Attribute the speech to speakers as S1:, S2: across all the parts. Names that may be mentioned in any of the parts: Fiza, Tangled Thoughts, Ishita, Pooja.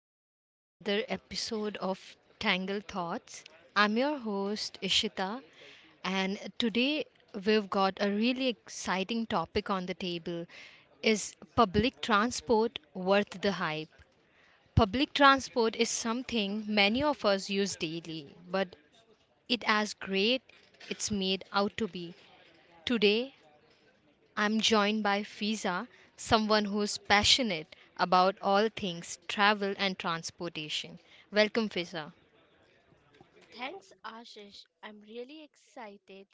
S1: Welcome to another episode of Tangled Thoughts. I'm your host, Ishita, and today we've got a really exciting topic on the table. Is public transport worth the hype? Public transport is something many of us use daily, but it as great it's made out to be. Today, I'm joined by Fiza, someone who's passionate about all things travel and transportation. Welcome, Fiza.
S2: Thanks, Ashish. I'm really excited.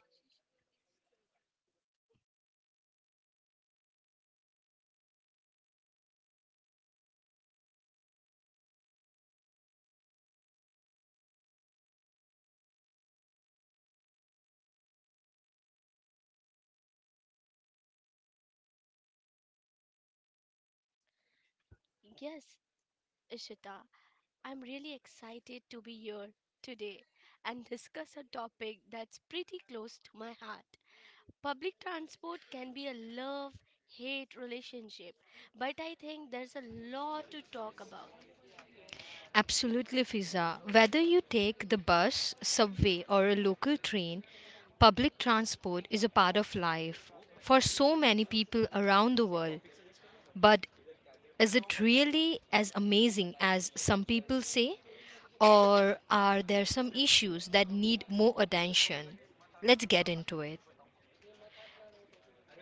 S2: Yes, Ishita, I'm really excited to be here today and discuss a topic that's pretty close to my heart. Public transport can be a love hate relationship, but I think there's a lot to talk about.
S1: Absolutely, Fiza. Whether you take the bus, subway, or a local train, public transport is a part of life for so many people around the world. But is it really as amazing as some people say? Or are there some issues that need more attention? Let's get into it.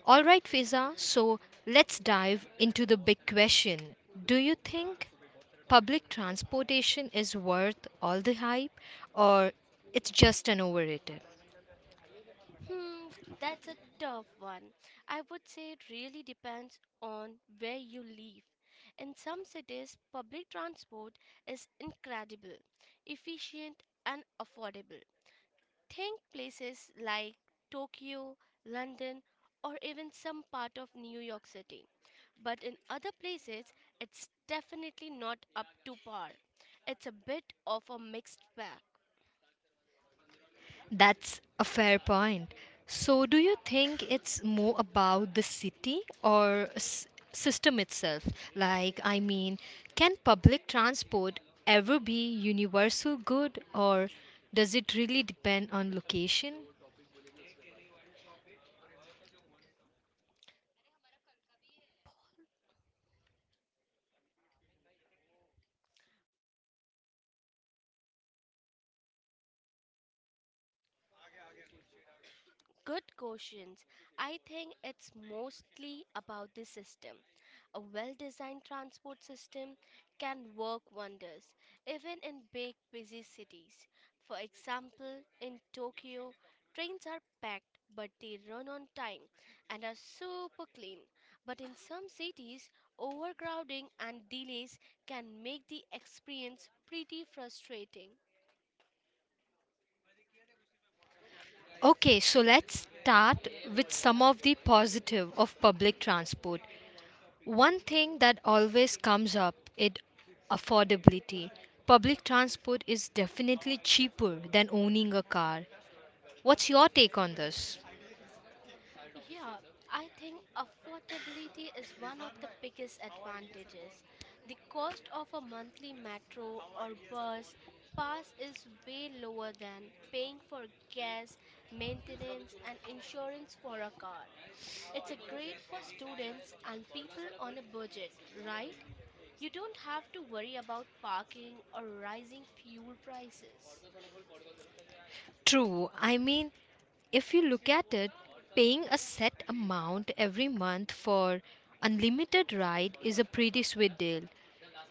S1: All right, Fiza. So let's dive into the big question. Do you think public transportation is worth all the hype or it's just an overrated?
S2: Hmm, that's a tough one. I would say it really depends on where you live. In some cities, public transport is incredible, efficient, and affordable. Think places like Tokyo, London, or even some part of New York City. But in other places, it's definitely not up to par. It's a bit of a mixed bag.
S1: That's a fair point. So do you think it's more about the city or system itself? Like I mean, can public transport ever be universal good or does it really depend on location?
S2: Good questions. I think it's mostly about the system. A well designed transport system can work wonders, even in big, busy cities. For example, in Tokyo, trains are packed but they run on time and are super clean. But in some cities, overcrowding and delays can make the experience pretty frustrating.
S1: Okay, so let's start with some of the positive of public transport. One thing that always comes up is affordability. Public transport is definitely cheaper than owning a car. What's your take on this?
S2: Yeah, I think affordability is one of the biggest advantages. The cost of a monthly metro or bus pass is way lower than paying for gas, maintenance, and insurance for a car. It's a great for students and people on a budget, right? You don't have to worry about parking or rising fuel prices.
S1: True. I mean, if you look at it, paying a set amount every month for unlimited ride is a pretty sweet deal.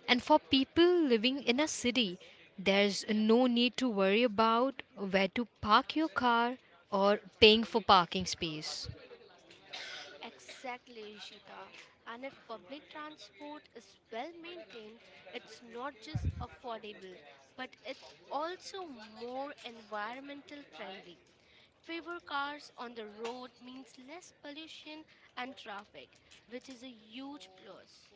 S1: And for people living in a city, there's no need to worry about where to park your car or paying for parking space.
S2: Exactly, Ishita. And if public transport is well maintained, it's not just affordable, but it's also more environmental friendly. Fewer cars on the road means less pollution and traffic, which is a huge plus.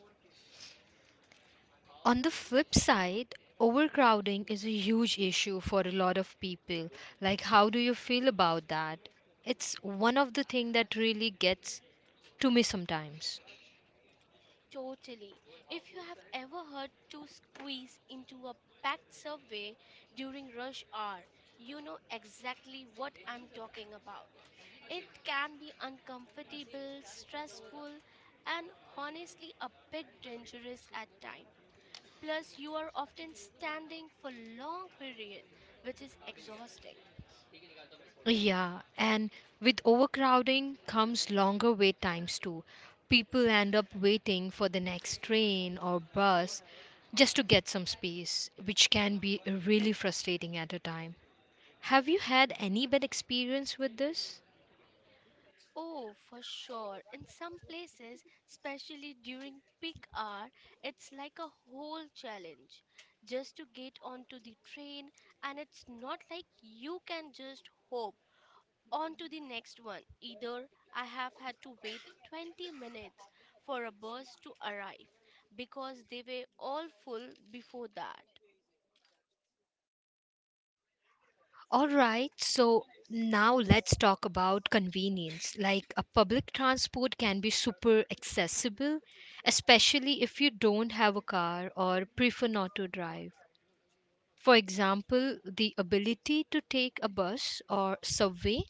S1: On the flip side, overcrowding is a huge issue for a lot of people. Like how do you feel about that? It's one of the things that really gets to me sometimes.
S2: Totally. If you have ever had to squeeze into a packed subway during rush hour, you know exactly what I'm talking about. It can be uncomfortable, stressful, and honestly a bit dangerous at times. Plus, you are often standing for long period, which is exhausting.
S1: Yeah, and with overcrowding comes longer wait times too. People end up waiting for the next train or bus just to get some space, which can be really frustrating at a time. Have you had any bad experience with this?
S2: Oh, for sure. In some places, especially during peak hour, it's like a whole challenge just to get onto the train, and it's not like you can just hop onto the next one either. I have had to wait 20 minutes for a bus to arrive because they were all full before that.
S1: All right, so now let's talk about convenience. Like a public transport can be super accessible, especially if you don't have a car or prefer not to drive. For example, the ability to take a bus or subway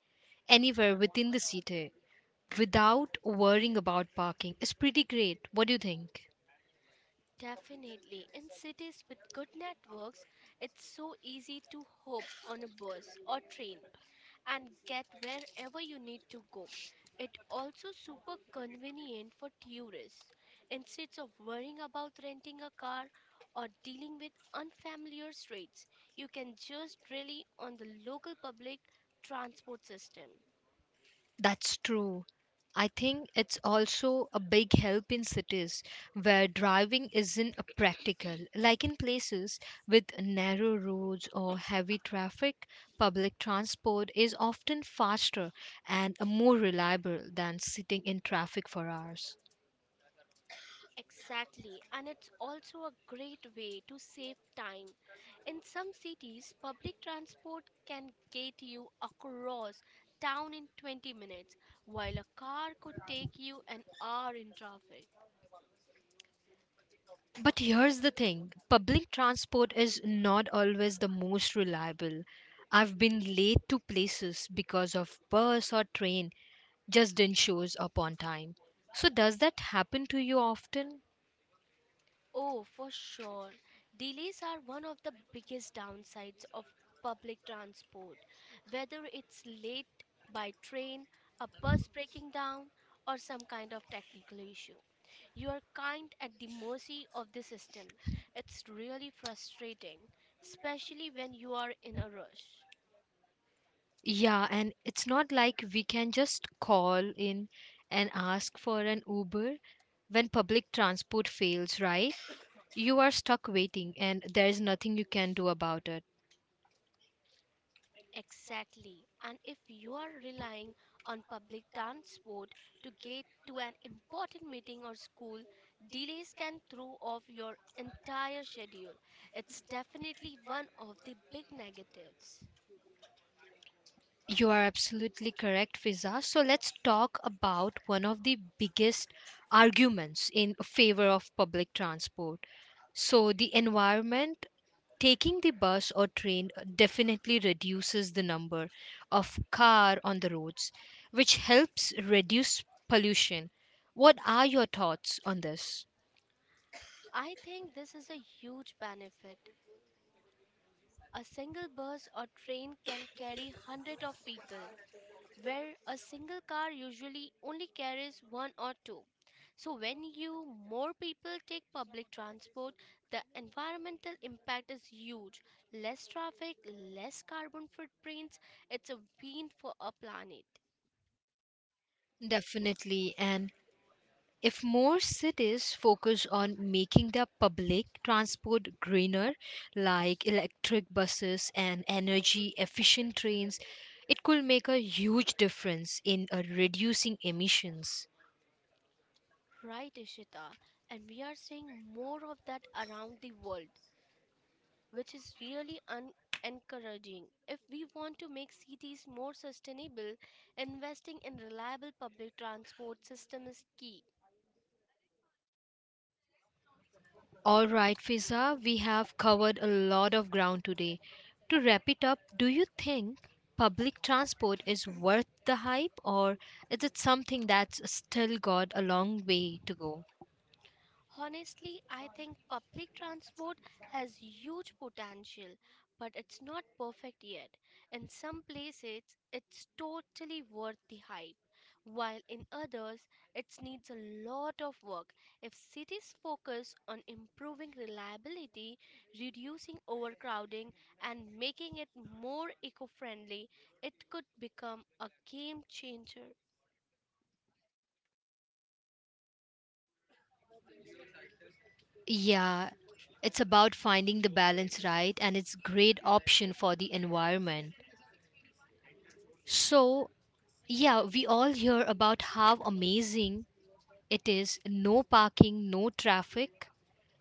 S1: anywhere within the city without worrying about parking is pretty great. What do you think?
S2: Definitely, in cities with good networks, it's so easy to hop on a bus or train and get wherever you need to go. It also super convenient for tourists. Instead of worrying about renting a car or dealing with unfamiliar streets, you can just rely on the local public transport system.
S1: That's true. I think it's also a big help in cities where driving isn't a practical. Like in places with narrow roads or heavy traffic, public transport is often faster and more reliable than sitting in traffic for hours.
S2: Exactly, and it's also a great way to save time. In some cities, public transport can get you across town in 20 minutes, while a car could take you an hour in traffic.
S1: But here's the thing public transport is not always the most reliable. I've been late to places because of bus or train just didn't shows up on time. So does that happen to you often?
S2: Oh, for sure. Delays are one of the biggest downsides of public transport. Whether it's late by train, a bus breaking down, or some kind of technical issue, you are kind at the mercy of the system. It's really frustrating, especially when you are in a rush.
S1: Yeah, and it's not like we can just call in and ask for an Uber when public transport fails, right? You are stuck waiting and there is nothing you can do about it.
S2: Exactly. And if you are relying on public transport to get to an important meeting or school, delays can throw off your entire schedule. It's definitely one of the big negatives.
S1: You are absolutely correct, Fiza. So let's talk about one of the biggest arguments in favor of public transport. So, the environment taking the bus or train definitely reduces the number of car on the roads, which helps reduce pollution. What are your thoughts on this?
S2: I think this is a huge benefit. A single bus or train can carry hundreds of people, where a single car usually only carries one or two. So when you more people take public transport, the environmental impact is huge. Less traffic, less carbon footprints. It's a win for our planet.
S1: Definitely. And if more cities focus on making their public transport greener, like electric buses and energy efficient trains, it could make a huge difference in reducing emissions.
S2: Right, Ishita. And we are seeing more of that around the world, which is really encouraging. If we want to make cities more sustainable, investing in reliable public transport system is key.
S1: All right, Fiza, we have covered a lot of ground today. To wrap it up, do you think public transport is worth the hype or is it something that's still got a long way to go?
S2: Honestly, I think public transport has huge potential, but it's not perfect yet. In some places, it's totally worth the hype, while in others, it needs a lot of work. If cities focus on improving reliability, reducing overcrowding, and making it more eco friendly, it could become a game changer.
S1: Yeah, it's about finding the balance right and it's great option for the environment. So, yeah, we all hear about how amazing it is no parking, no traffic,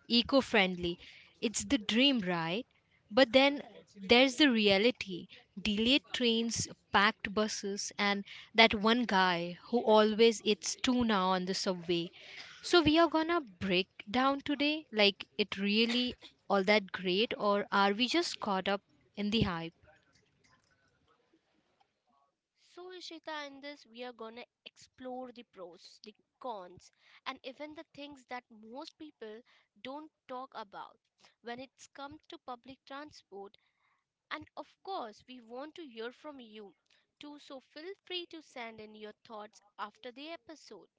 S1: eco friendly. It's the dream, right? But then there's the reality delayed trains, packed buses, and that one guy who always eats tuna on the subway. So, we are gonna break down today like it really all that great, or are we just caught up in the hype?
S2: So, Ishita, in this, we are going to explore the pros, the cons, and even the things that most people don't talk about when it's come to public transport. And of course, we want to hear from you too, so feel free to send in your thoughts after the episode.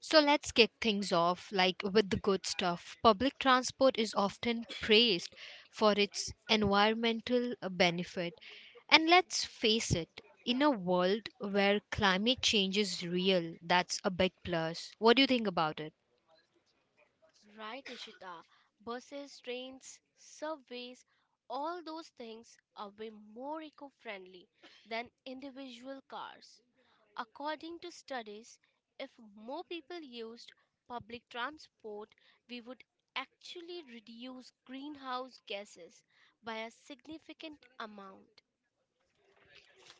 S1: So let's kick things off like with the good stuff. Public transport is often praised for its environmental benefit. And let's face it, in a world where climate change is real, that's a big plus. What do you think about it?
S2: Right, Ishita? Buses, trains, subways, all those things are way more eco friendly than individual cars. According to studies, if more people used public transport, we would actually reduce greenhouse gases by a significant amount.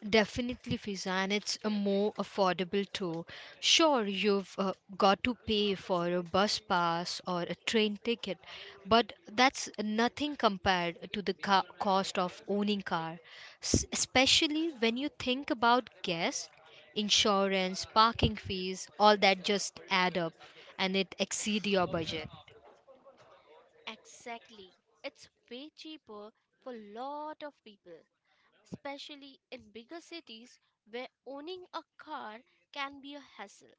S1: Definitely, Fiza, and it's a more affordable too. Sure, you've got to pay for a bus pass or a train ticket, but that's nothing compared to the cost of owning car. Especially when you think about gas, insurance, parking fees, all that just add up, and it exceed your budget.
S2: Exactly. It's way cheaper for a lot of people, especially in bigger cities where owning a car can be a hassle.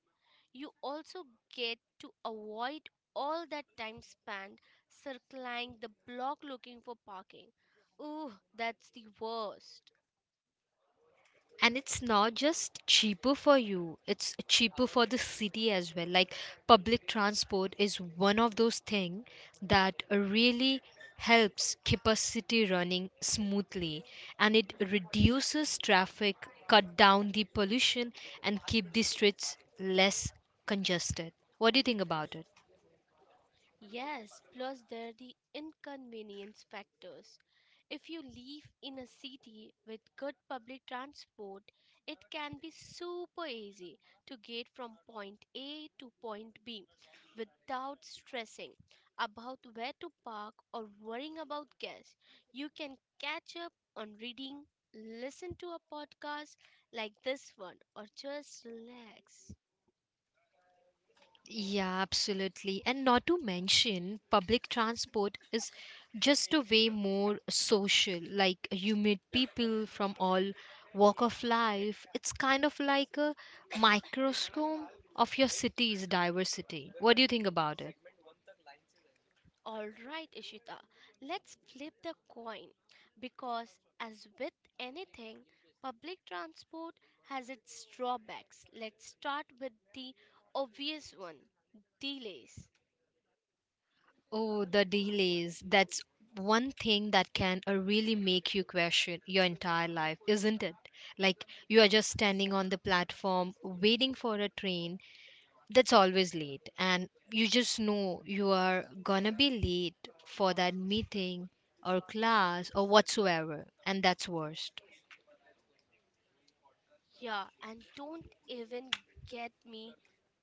S2: You also get to avoid all that time spent circling the block looking for parking. Ooh, that's the worst.
S1: And it's not just cheaper for you, it's cheaper for the city as well. Like public transport is one of those things that really helps keep a city running smoothly, and it reduces traffic, cut down the pollution, and keep the streets less congested. What do you think about it?
S2: Yes, plus there are the inconvenience factors. If you live in a city with good public transport, it can be super easy to get from point A to point B without stressing about where to park or worrying about gas. You can catch up on reading, listen to a podcast like this one, or just relax.
S1: Yeah, absolutely. And not to mention, public transport is just a way more social. Like you meet people from all walk of life. It's kind of like a microscope of your city's diversity. What do you think about it?
S2: All right, Ishita, let's flip the coin because, as with anything, public transport has its drawbacks. Let's start with the obvious one delays.
S1: Oh, the delays. That's one thing that can really make you question your entire life, isn't it? Like you are just standing on the platform waiting for a train that's always late, and you just know you are gonna be late for that meeting or class or whatsoever, and that's worst.
S2: Yeah, and don't even get me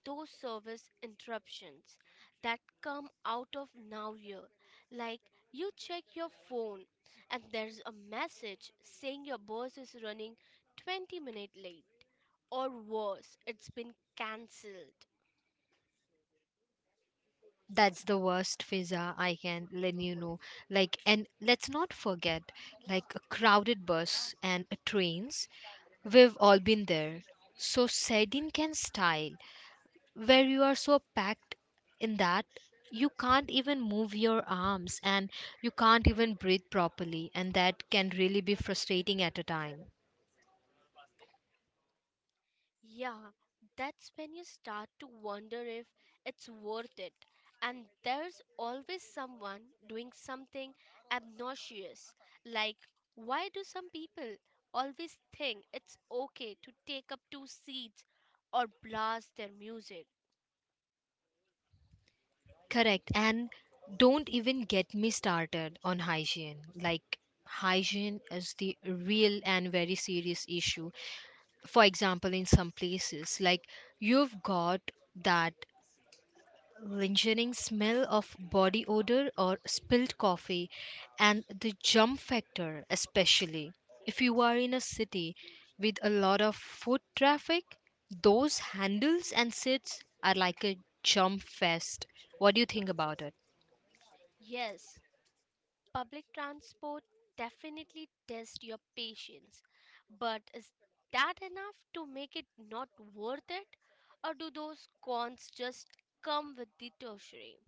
S2: those service interruptions that come out of nowhere. Like you check your phone and there's a message saying your bus is running 20 minutes late. Or worse, it's been cancelled.
S1: That's the worst, Fiza. I can let you know. Like, and let's not forget like a crowded bus and a trains, we've all been there. So sardine can style, where you are so packed in that you can't even move your arms and you can't even breathe properly, and that can really be frustrating at a time.
S2: Yeah, that's when you start to wonder if it's worth it. And there's always someone doing something obnoxious. Like, why do some people always think it's okay to take up two seats or blast their music?
S1: Correct. And don't even get me started on hygiene. Like hygiene is the real and very serious issue. For example, in some places, like you've got that lingering smell of body odor or spilled coffee, and the jump factor, especially if you are in a city with a lot of foot traffic, those handles and seats are like a jump fest. What do you think about it?
S2: Yes, public transport definitely tests your patience, but is that enough to make it not worth it? Or do those cons just come with the tertiary?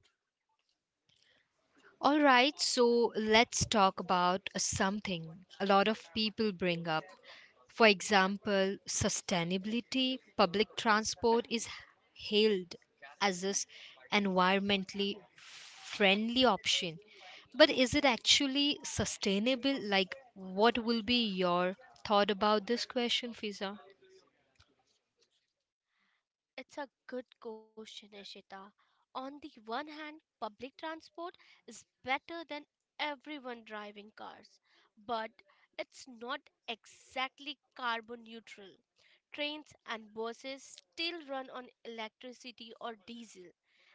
S1: All right, so let's talk about something a lot of people bring up. For example, sustainability, public transport is hailed as this environmentally friendly option. But is it actually sustainable? Like, what will be your thought about this question, Fiza?
S2: It's a good question, Ishita. On the one hand, public transport is better than everyone driving cars, but it's not exactly carbon neutral. Trains and buses still run on electricity or diesel,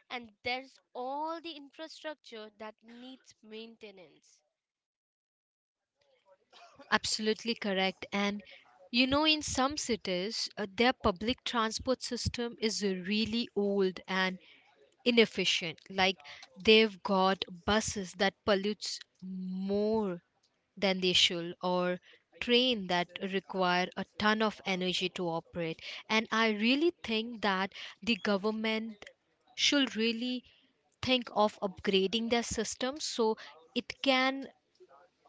S2: and there's all the infrastructure that needs maintenance.
S1: Absolutely correct. And you know, in some cities, their public transport system is really old and inefficient. Like they've got buses that pollutes more than they should, or train that require a ton of energy to operate. And I really think that the government should really think of upgrading their system so it can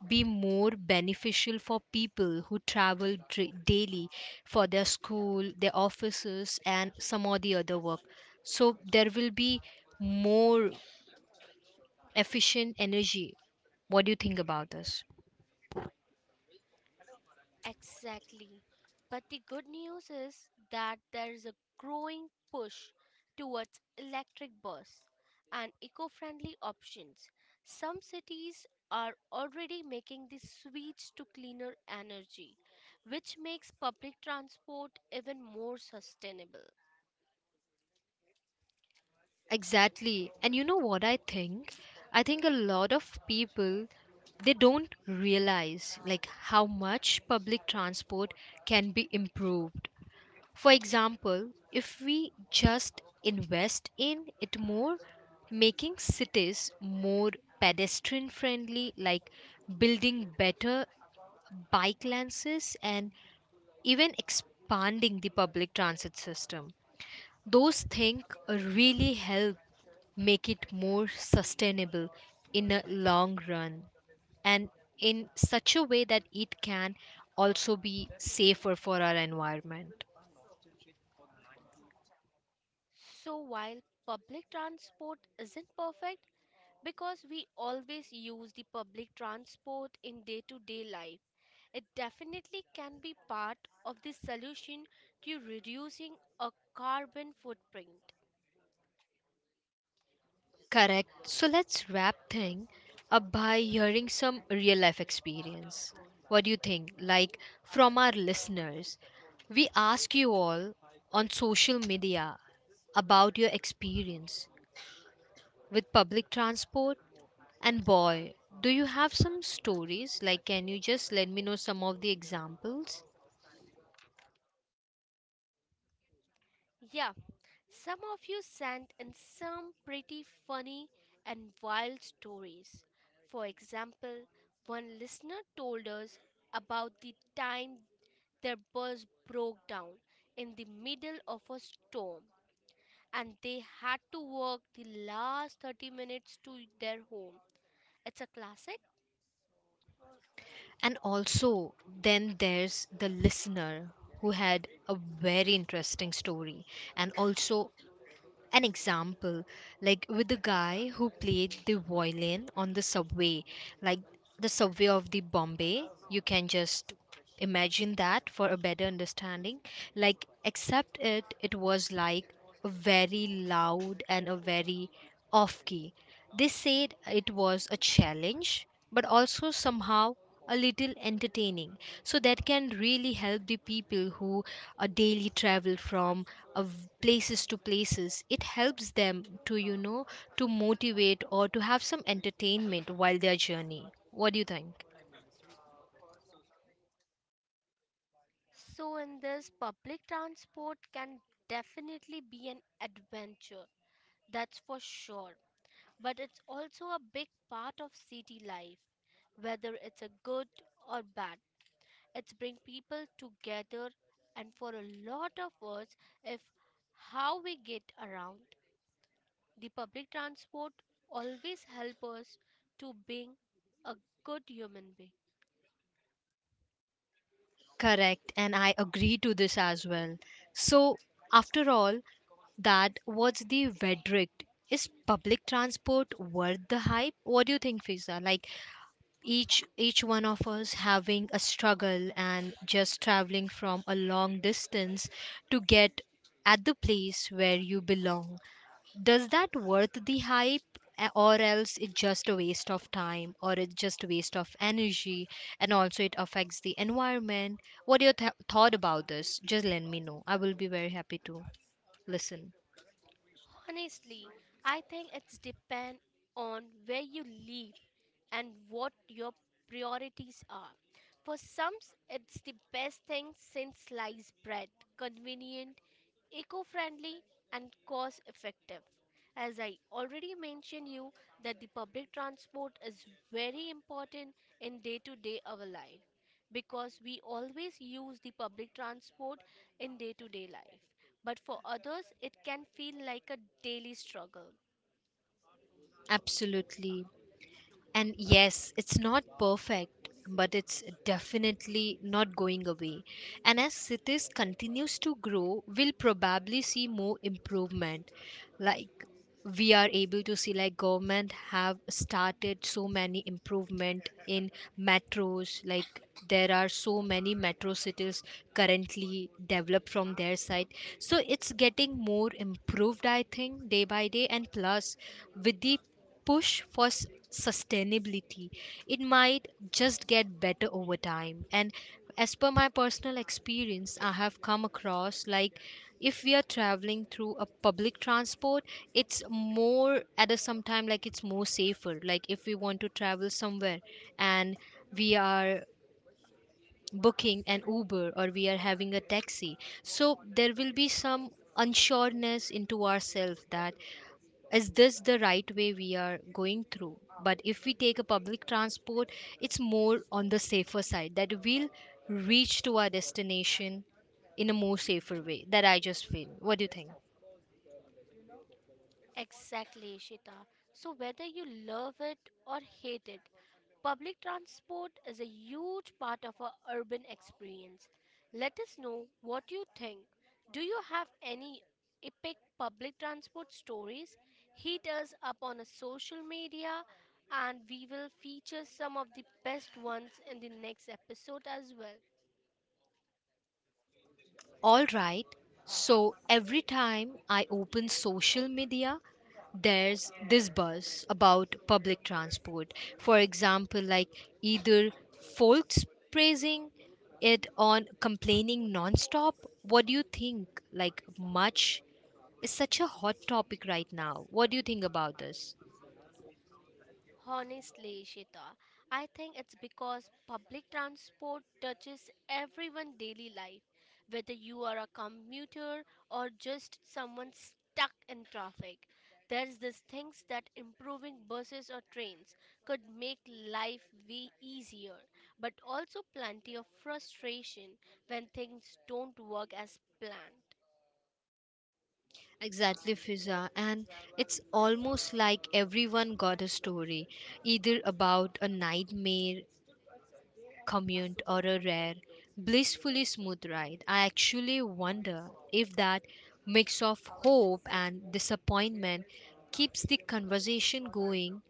S1: be more beneficial for people who travel daily for their school, their offices, and some of the other work. So there will be more efficient energy. What do you think about this?
S2: Exactly. But the good news is that there is a growing push towards electric bus and eco-friendly options. Some cities are already making the switch to cleaner energy, which makes public transport even more sustainable.
S1: Exactly. And you know what I think? I think a lot of people, they don't realize like how much public transport can be improved. For example, if we just invest in it more, making cities more pedestrian friendly, like building better bike lanes and even expanding the public transit system, those things really help make it more sustainable in a long run, and in such a way that it can also be safer for our environment.
S2: So while public transport isn't perfect because we always use the public transport in day to day life, it definitely can be part of the solution to reducing a carbon footprint.
S1: Correct. So let's wrap thing up by hearing some real life experience. What do you think? Like from our listeners, we ask you all on social media about your experience with public transport, and boy, do you have some stories? Like can you just let me know some of the examples?
S2: Yeah, some of you sent in some pretty funny and wild stories. For example, one listener told us about the time their bus broke down in the middle of a storm and they had to walk the last 30 minutes to their home. It's a classic.
S1: And also, then there's the listener who had a very interesting story and also an example, like with the guy who played the violin on the subway. Like the subway of the Bombay, you can just imagine that for a better understanding. Like except it was like a very loud and a very off key. They said it was a challenge, but also somehow a little entertaining. So that can really help the people who daily travel from places to places. It helps them to, you know, to motivate or to have some entertainment while their journey. What do you think?
S2: So, in this, public transport can definitely be an adventure, that's for sure. But it's also a big part of city life, whether it's a good or bad. It's bring people together, and for a lot of us, if how we get around, the public transport always help us to being a good human being.
S1: Correct, and I agree to this as well. So, after all, that what's the verdict? Is public transport worth the hype? What do you think, Fiza? Like, each one of us having a struggle and just traveling from a long distance to get at the place where you belong, does that worth the hype? Or else it's just a waste of time or it's just a waste of energy, and also it affects the environment. What your thought about this, just let me know. I will be very happy to listen.
S2: Honestly, I think it's depend on where you live and what your priorities are. For some, it's the best thing since sliced bread, convenient, eco-friendly, and cost effective. As I already mentioned you that the public transport is very important in day to day our life, because we always use the public transport in day to day life, but for others it can feel like a daily struggle.
S1: Absolutely. And yes, it's not perfect, but it's definitely not going away. And as cities continues to grow, we'll probably see more improvement. Like, we are able to see like government have started so many improvement in metros, like there are so many metro cities currently developed from their side, so it's getting more improved I think day by day. And plus, with the push for sustainability, it might just get better over time. And as per my personal experience, I have come across like, if we are traveling through a public transport, it's more at a sometime, like it's more safer. Like if we want to travel somewhere and we are booking an Uber, or we are having a taxi, so there will be some unsureness into ourselves that is this the right way we are going through. But if we take a public transport, it's more on the safer side, that we'll reach to our destination in a more safer way. That I just feel. What do you think?
S2: Exactly, Shita. So, whether you love it or hate it, public transport is a huge part of our urban experience. Let us know what you think. Do you have any epic public transport stories? Hit us up on a social media and we will feature some of the best ones in the next episode as well.
S1: All right. So every time I open social media, there's this buzz about public transport. For example, like, either folks praising it on complaining nonstop. What do you think? Like, much is such a hot topic right now. What do you think about this?
S2: Honestly, Ishita, I think it's because public transport touches everyone's daily life, whether you are a commuter or just someone stuck in traffic. There's this things that improving buses or trains could make life way easier, but also plenty of frustration when things don't work as planned.
S1: Exactly, Fiza. And it's almost like everyone got a story, either about a nightmare commute, or a rare, blissfully smooth ride. I actually wonder if that mix of hope and disappointment keeps the conversation going.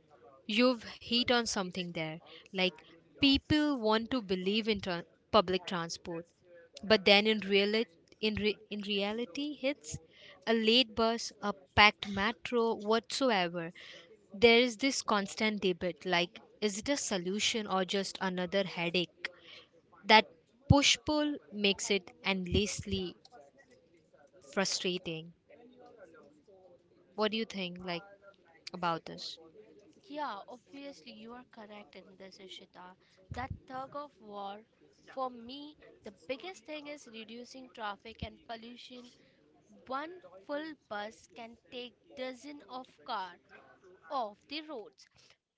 S1: You've hit on something there. Like, people want to believe in tran public transport, but then in reality hits a late bus, a packed metro, whatsoever. There is this constant debate like, is it a solution or just another headache? That push pull makes it endlessly frustrating. What do you think, like, about this?
S2: Yeah, obviously you are correct in this, Ishita. That tug of war, for me, the biggest thing is reducing traffic and pollution. One full bus can take dozen of car off the roads.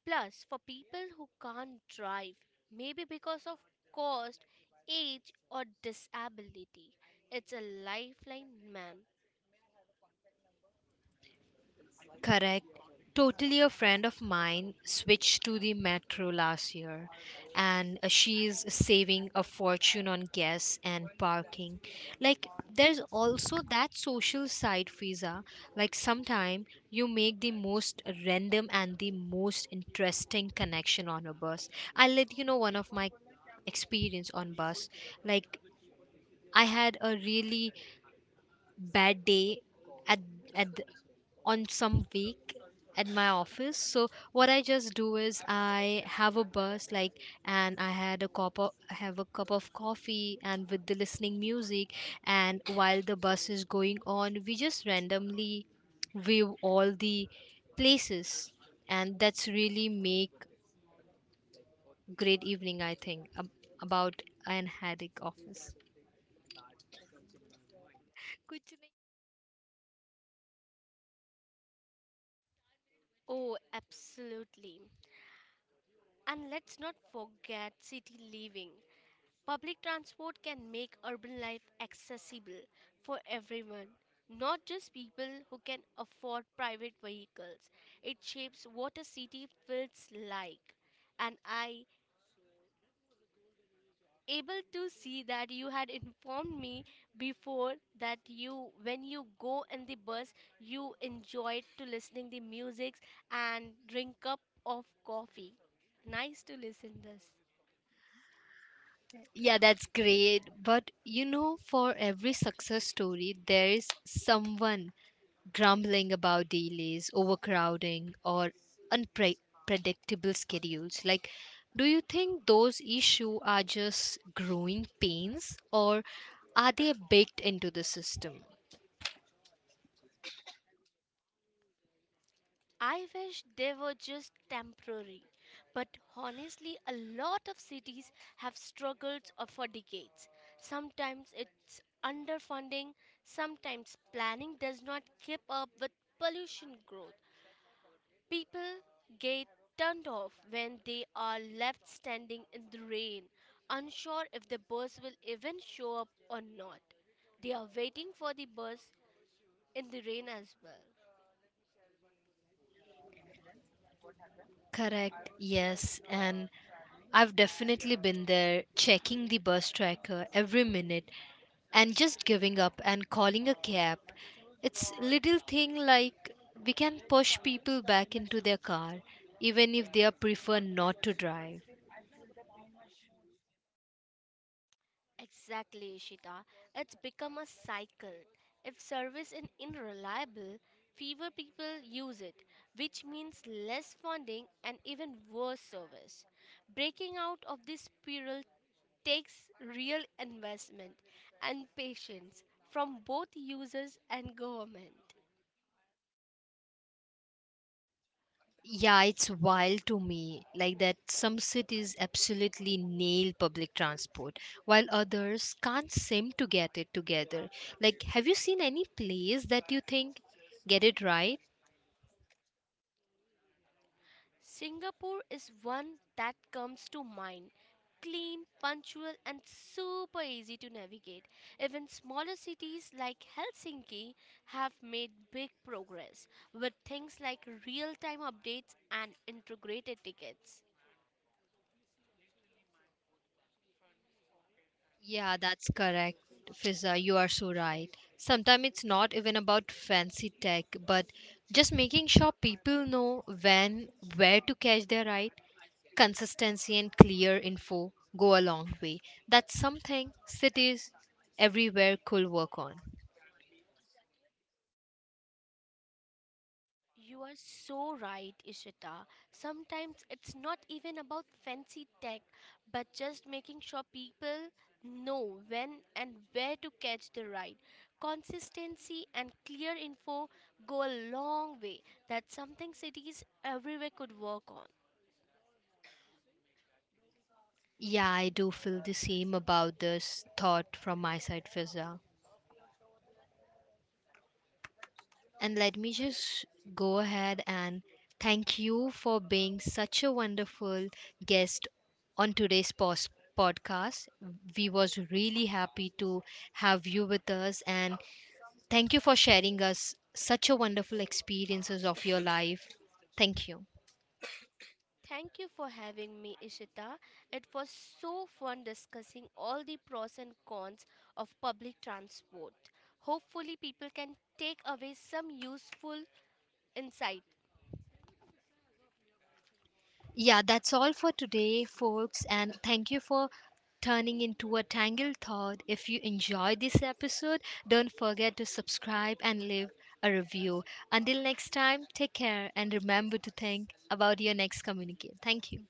S2: Plus, for people who can't drive, maybe because of cost, age, or disability, it's a lifeline, man.
S1: Correct. Totally, a friend of mine switched to the metro last year and she's saving a fortune on gas and parking. Like, there's also that social side, Fiza. Like sometime you make the most random and the most interesting connection on a bus. I'll let you know one of my experience on bus. Like, I had a really bad day at at the- on some week at my office. So what I just do is I have a bus, like, and I had a cup of coffee and with the listening music, and while the bus is going on, we just randomly view all the places, and that's really make great evening I think about an headache office. कुछ नहीं.
S2: Oh, absolutely. And let's not forget city living. Public transport can make urban life accessible for everyone, not just people who can afford private vehicles. It shapes what a city feels like. And I able to see that you had informed me before that you when you go in the bus you enjoyed to listening the music and drink cup of coffee, nice to listen this.
S1: Yeah, that's great. But you know, for every success story, there is someone grumbling about delays, overcrowding, or unpredictable schedules. Like, do you think those issues are just growing pains, or are they baked into the system?
S2: I wish they were just temporary, but honestly, a lot of cities have struggled for decades. Sometimes it's underfunding, sometimes planning does not keep up with pollution growth. People get turned off when they are left standing in the rain, unsure if the bus will even show up or not. They are waiting for the bus in the rain as well.
S1: Correct, yes. And I've definitely been there checking the bus tracker every minute and just giving up and calling a cab. It's little thing like we can push people back into their car even if they are prefer not to drive.
S2: Exactly, Ishita. It's become a cycle. If service is unreliable, fewer people use it, which means less funding and even worse service. Breaking out of this spiral takes real investment and patience from both users and government.
S1: Yeah, it's wild to me. Like that, some cities absolutely nail public transport, while others can't seem to get it together. Like, have you seen any place that you think get it right?
S2: Singapore is one that comes to mind. Clean, punctual, and super easy to navigate. Even smaller cities like Helsinki have made big progress with things like real time updates and integrated tickets.
S1: Yeah, that's correct, Fiza. You are so right. Sometimes it's not even about fancy tech, but just making sure people know when, where to catch their ride. Consistency and clear info go a long way. That's something cities everywhere could work on.
S2: You are so right, Ishita. Sometimes it's not even about fancy tech, but just making sure people know when and where to catch the ride. Consistency and clear info go a long way. That's something cities everywhere could work on.
S1: Yeah, I do feel the same about this thought from my side, Fiza. And let me just go ahead and thank you for being such a wonderful guest on today's podcast. We was really happy to have you with us, and thank you for sharing us such a wonderful experiences of your life. Thank you.
S2: Thank you for having me, Ishita. It was so fun discussing all the pros and cons of public transport. Hopefully, people can take away some useful insight.
S1: Yeah, that's all for today, folks, and thank you for turning into a Tangled Thought. If you enjoyed this episode, don't forget to subscribe and leave a review. Until next time, take care and remember to think about your next communicate. Thank you.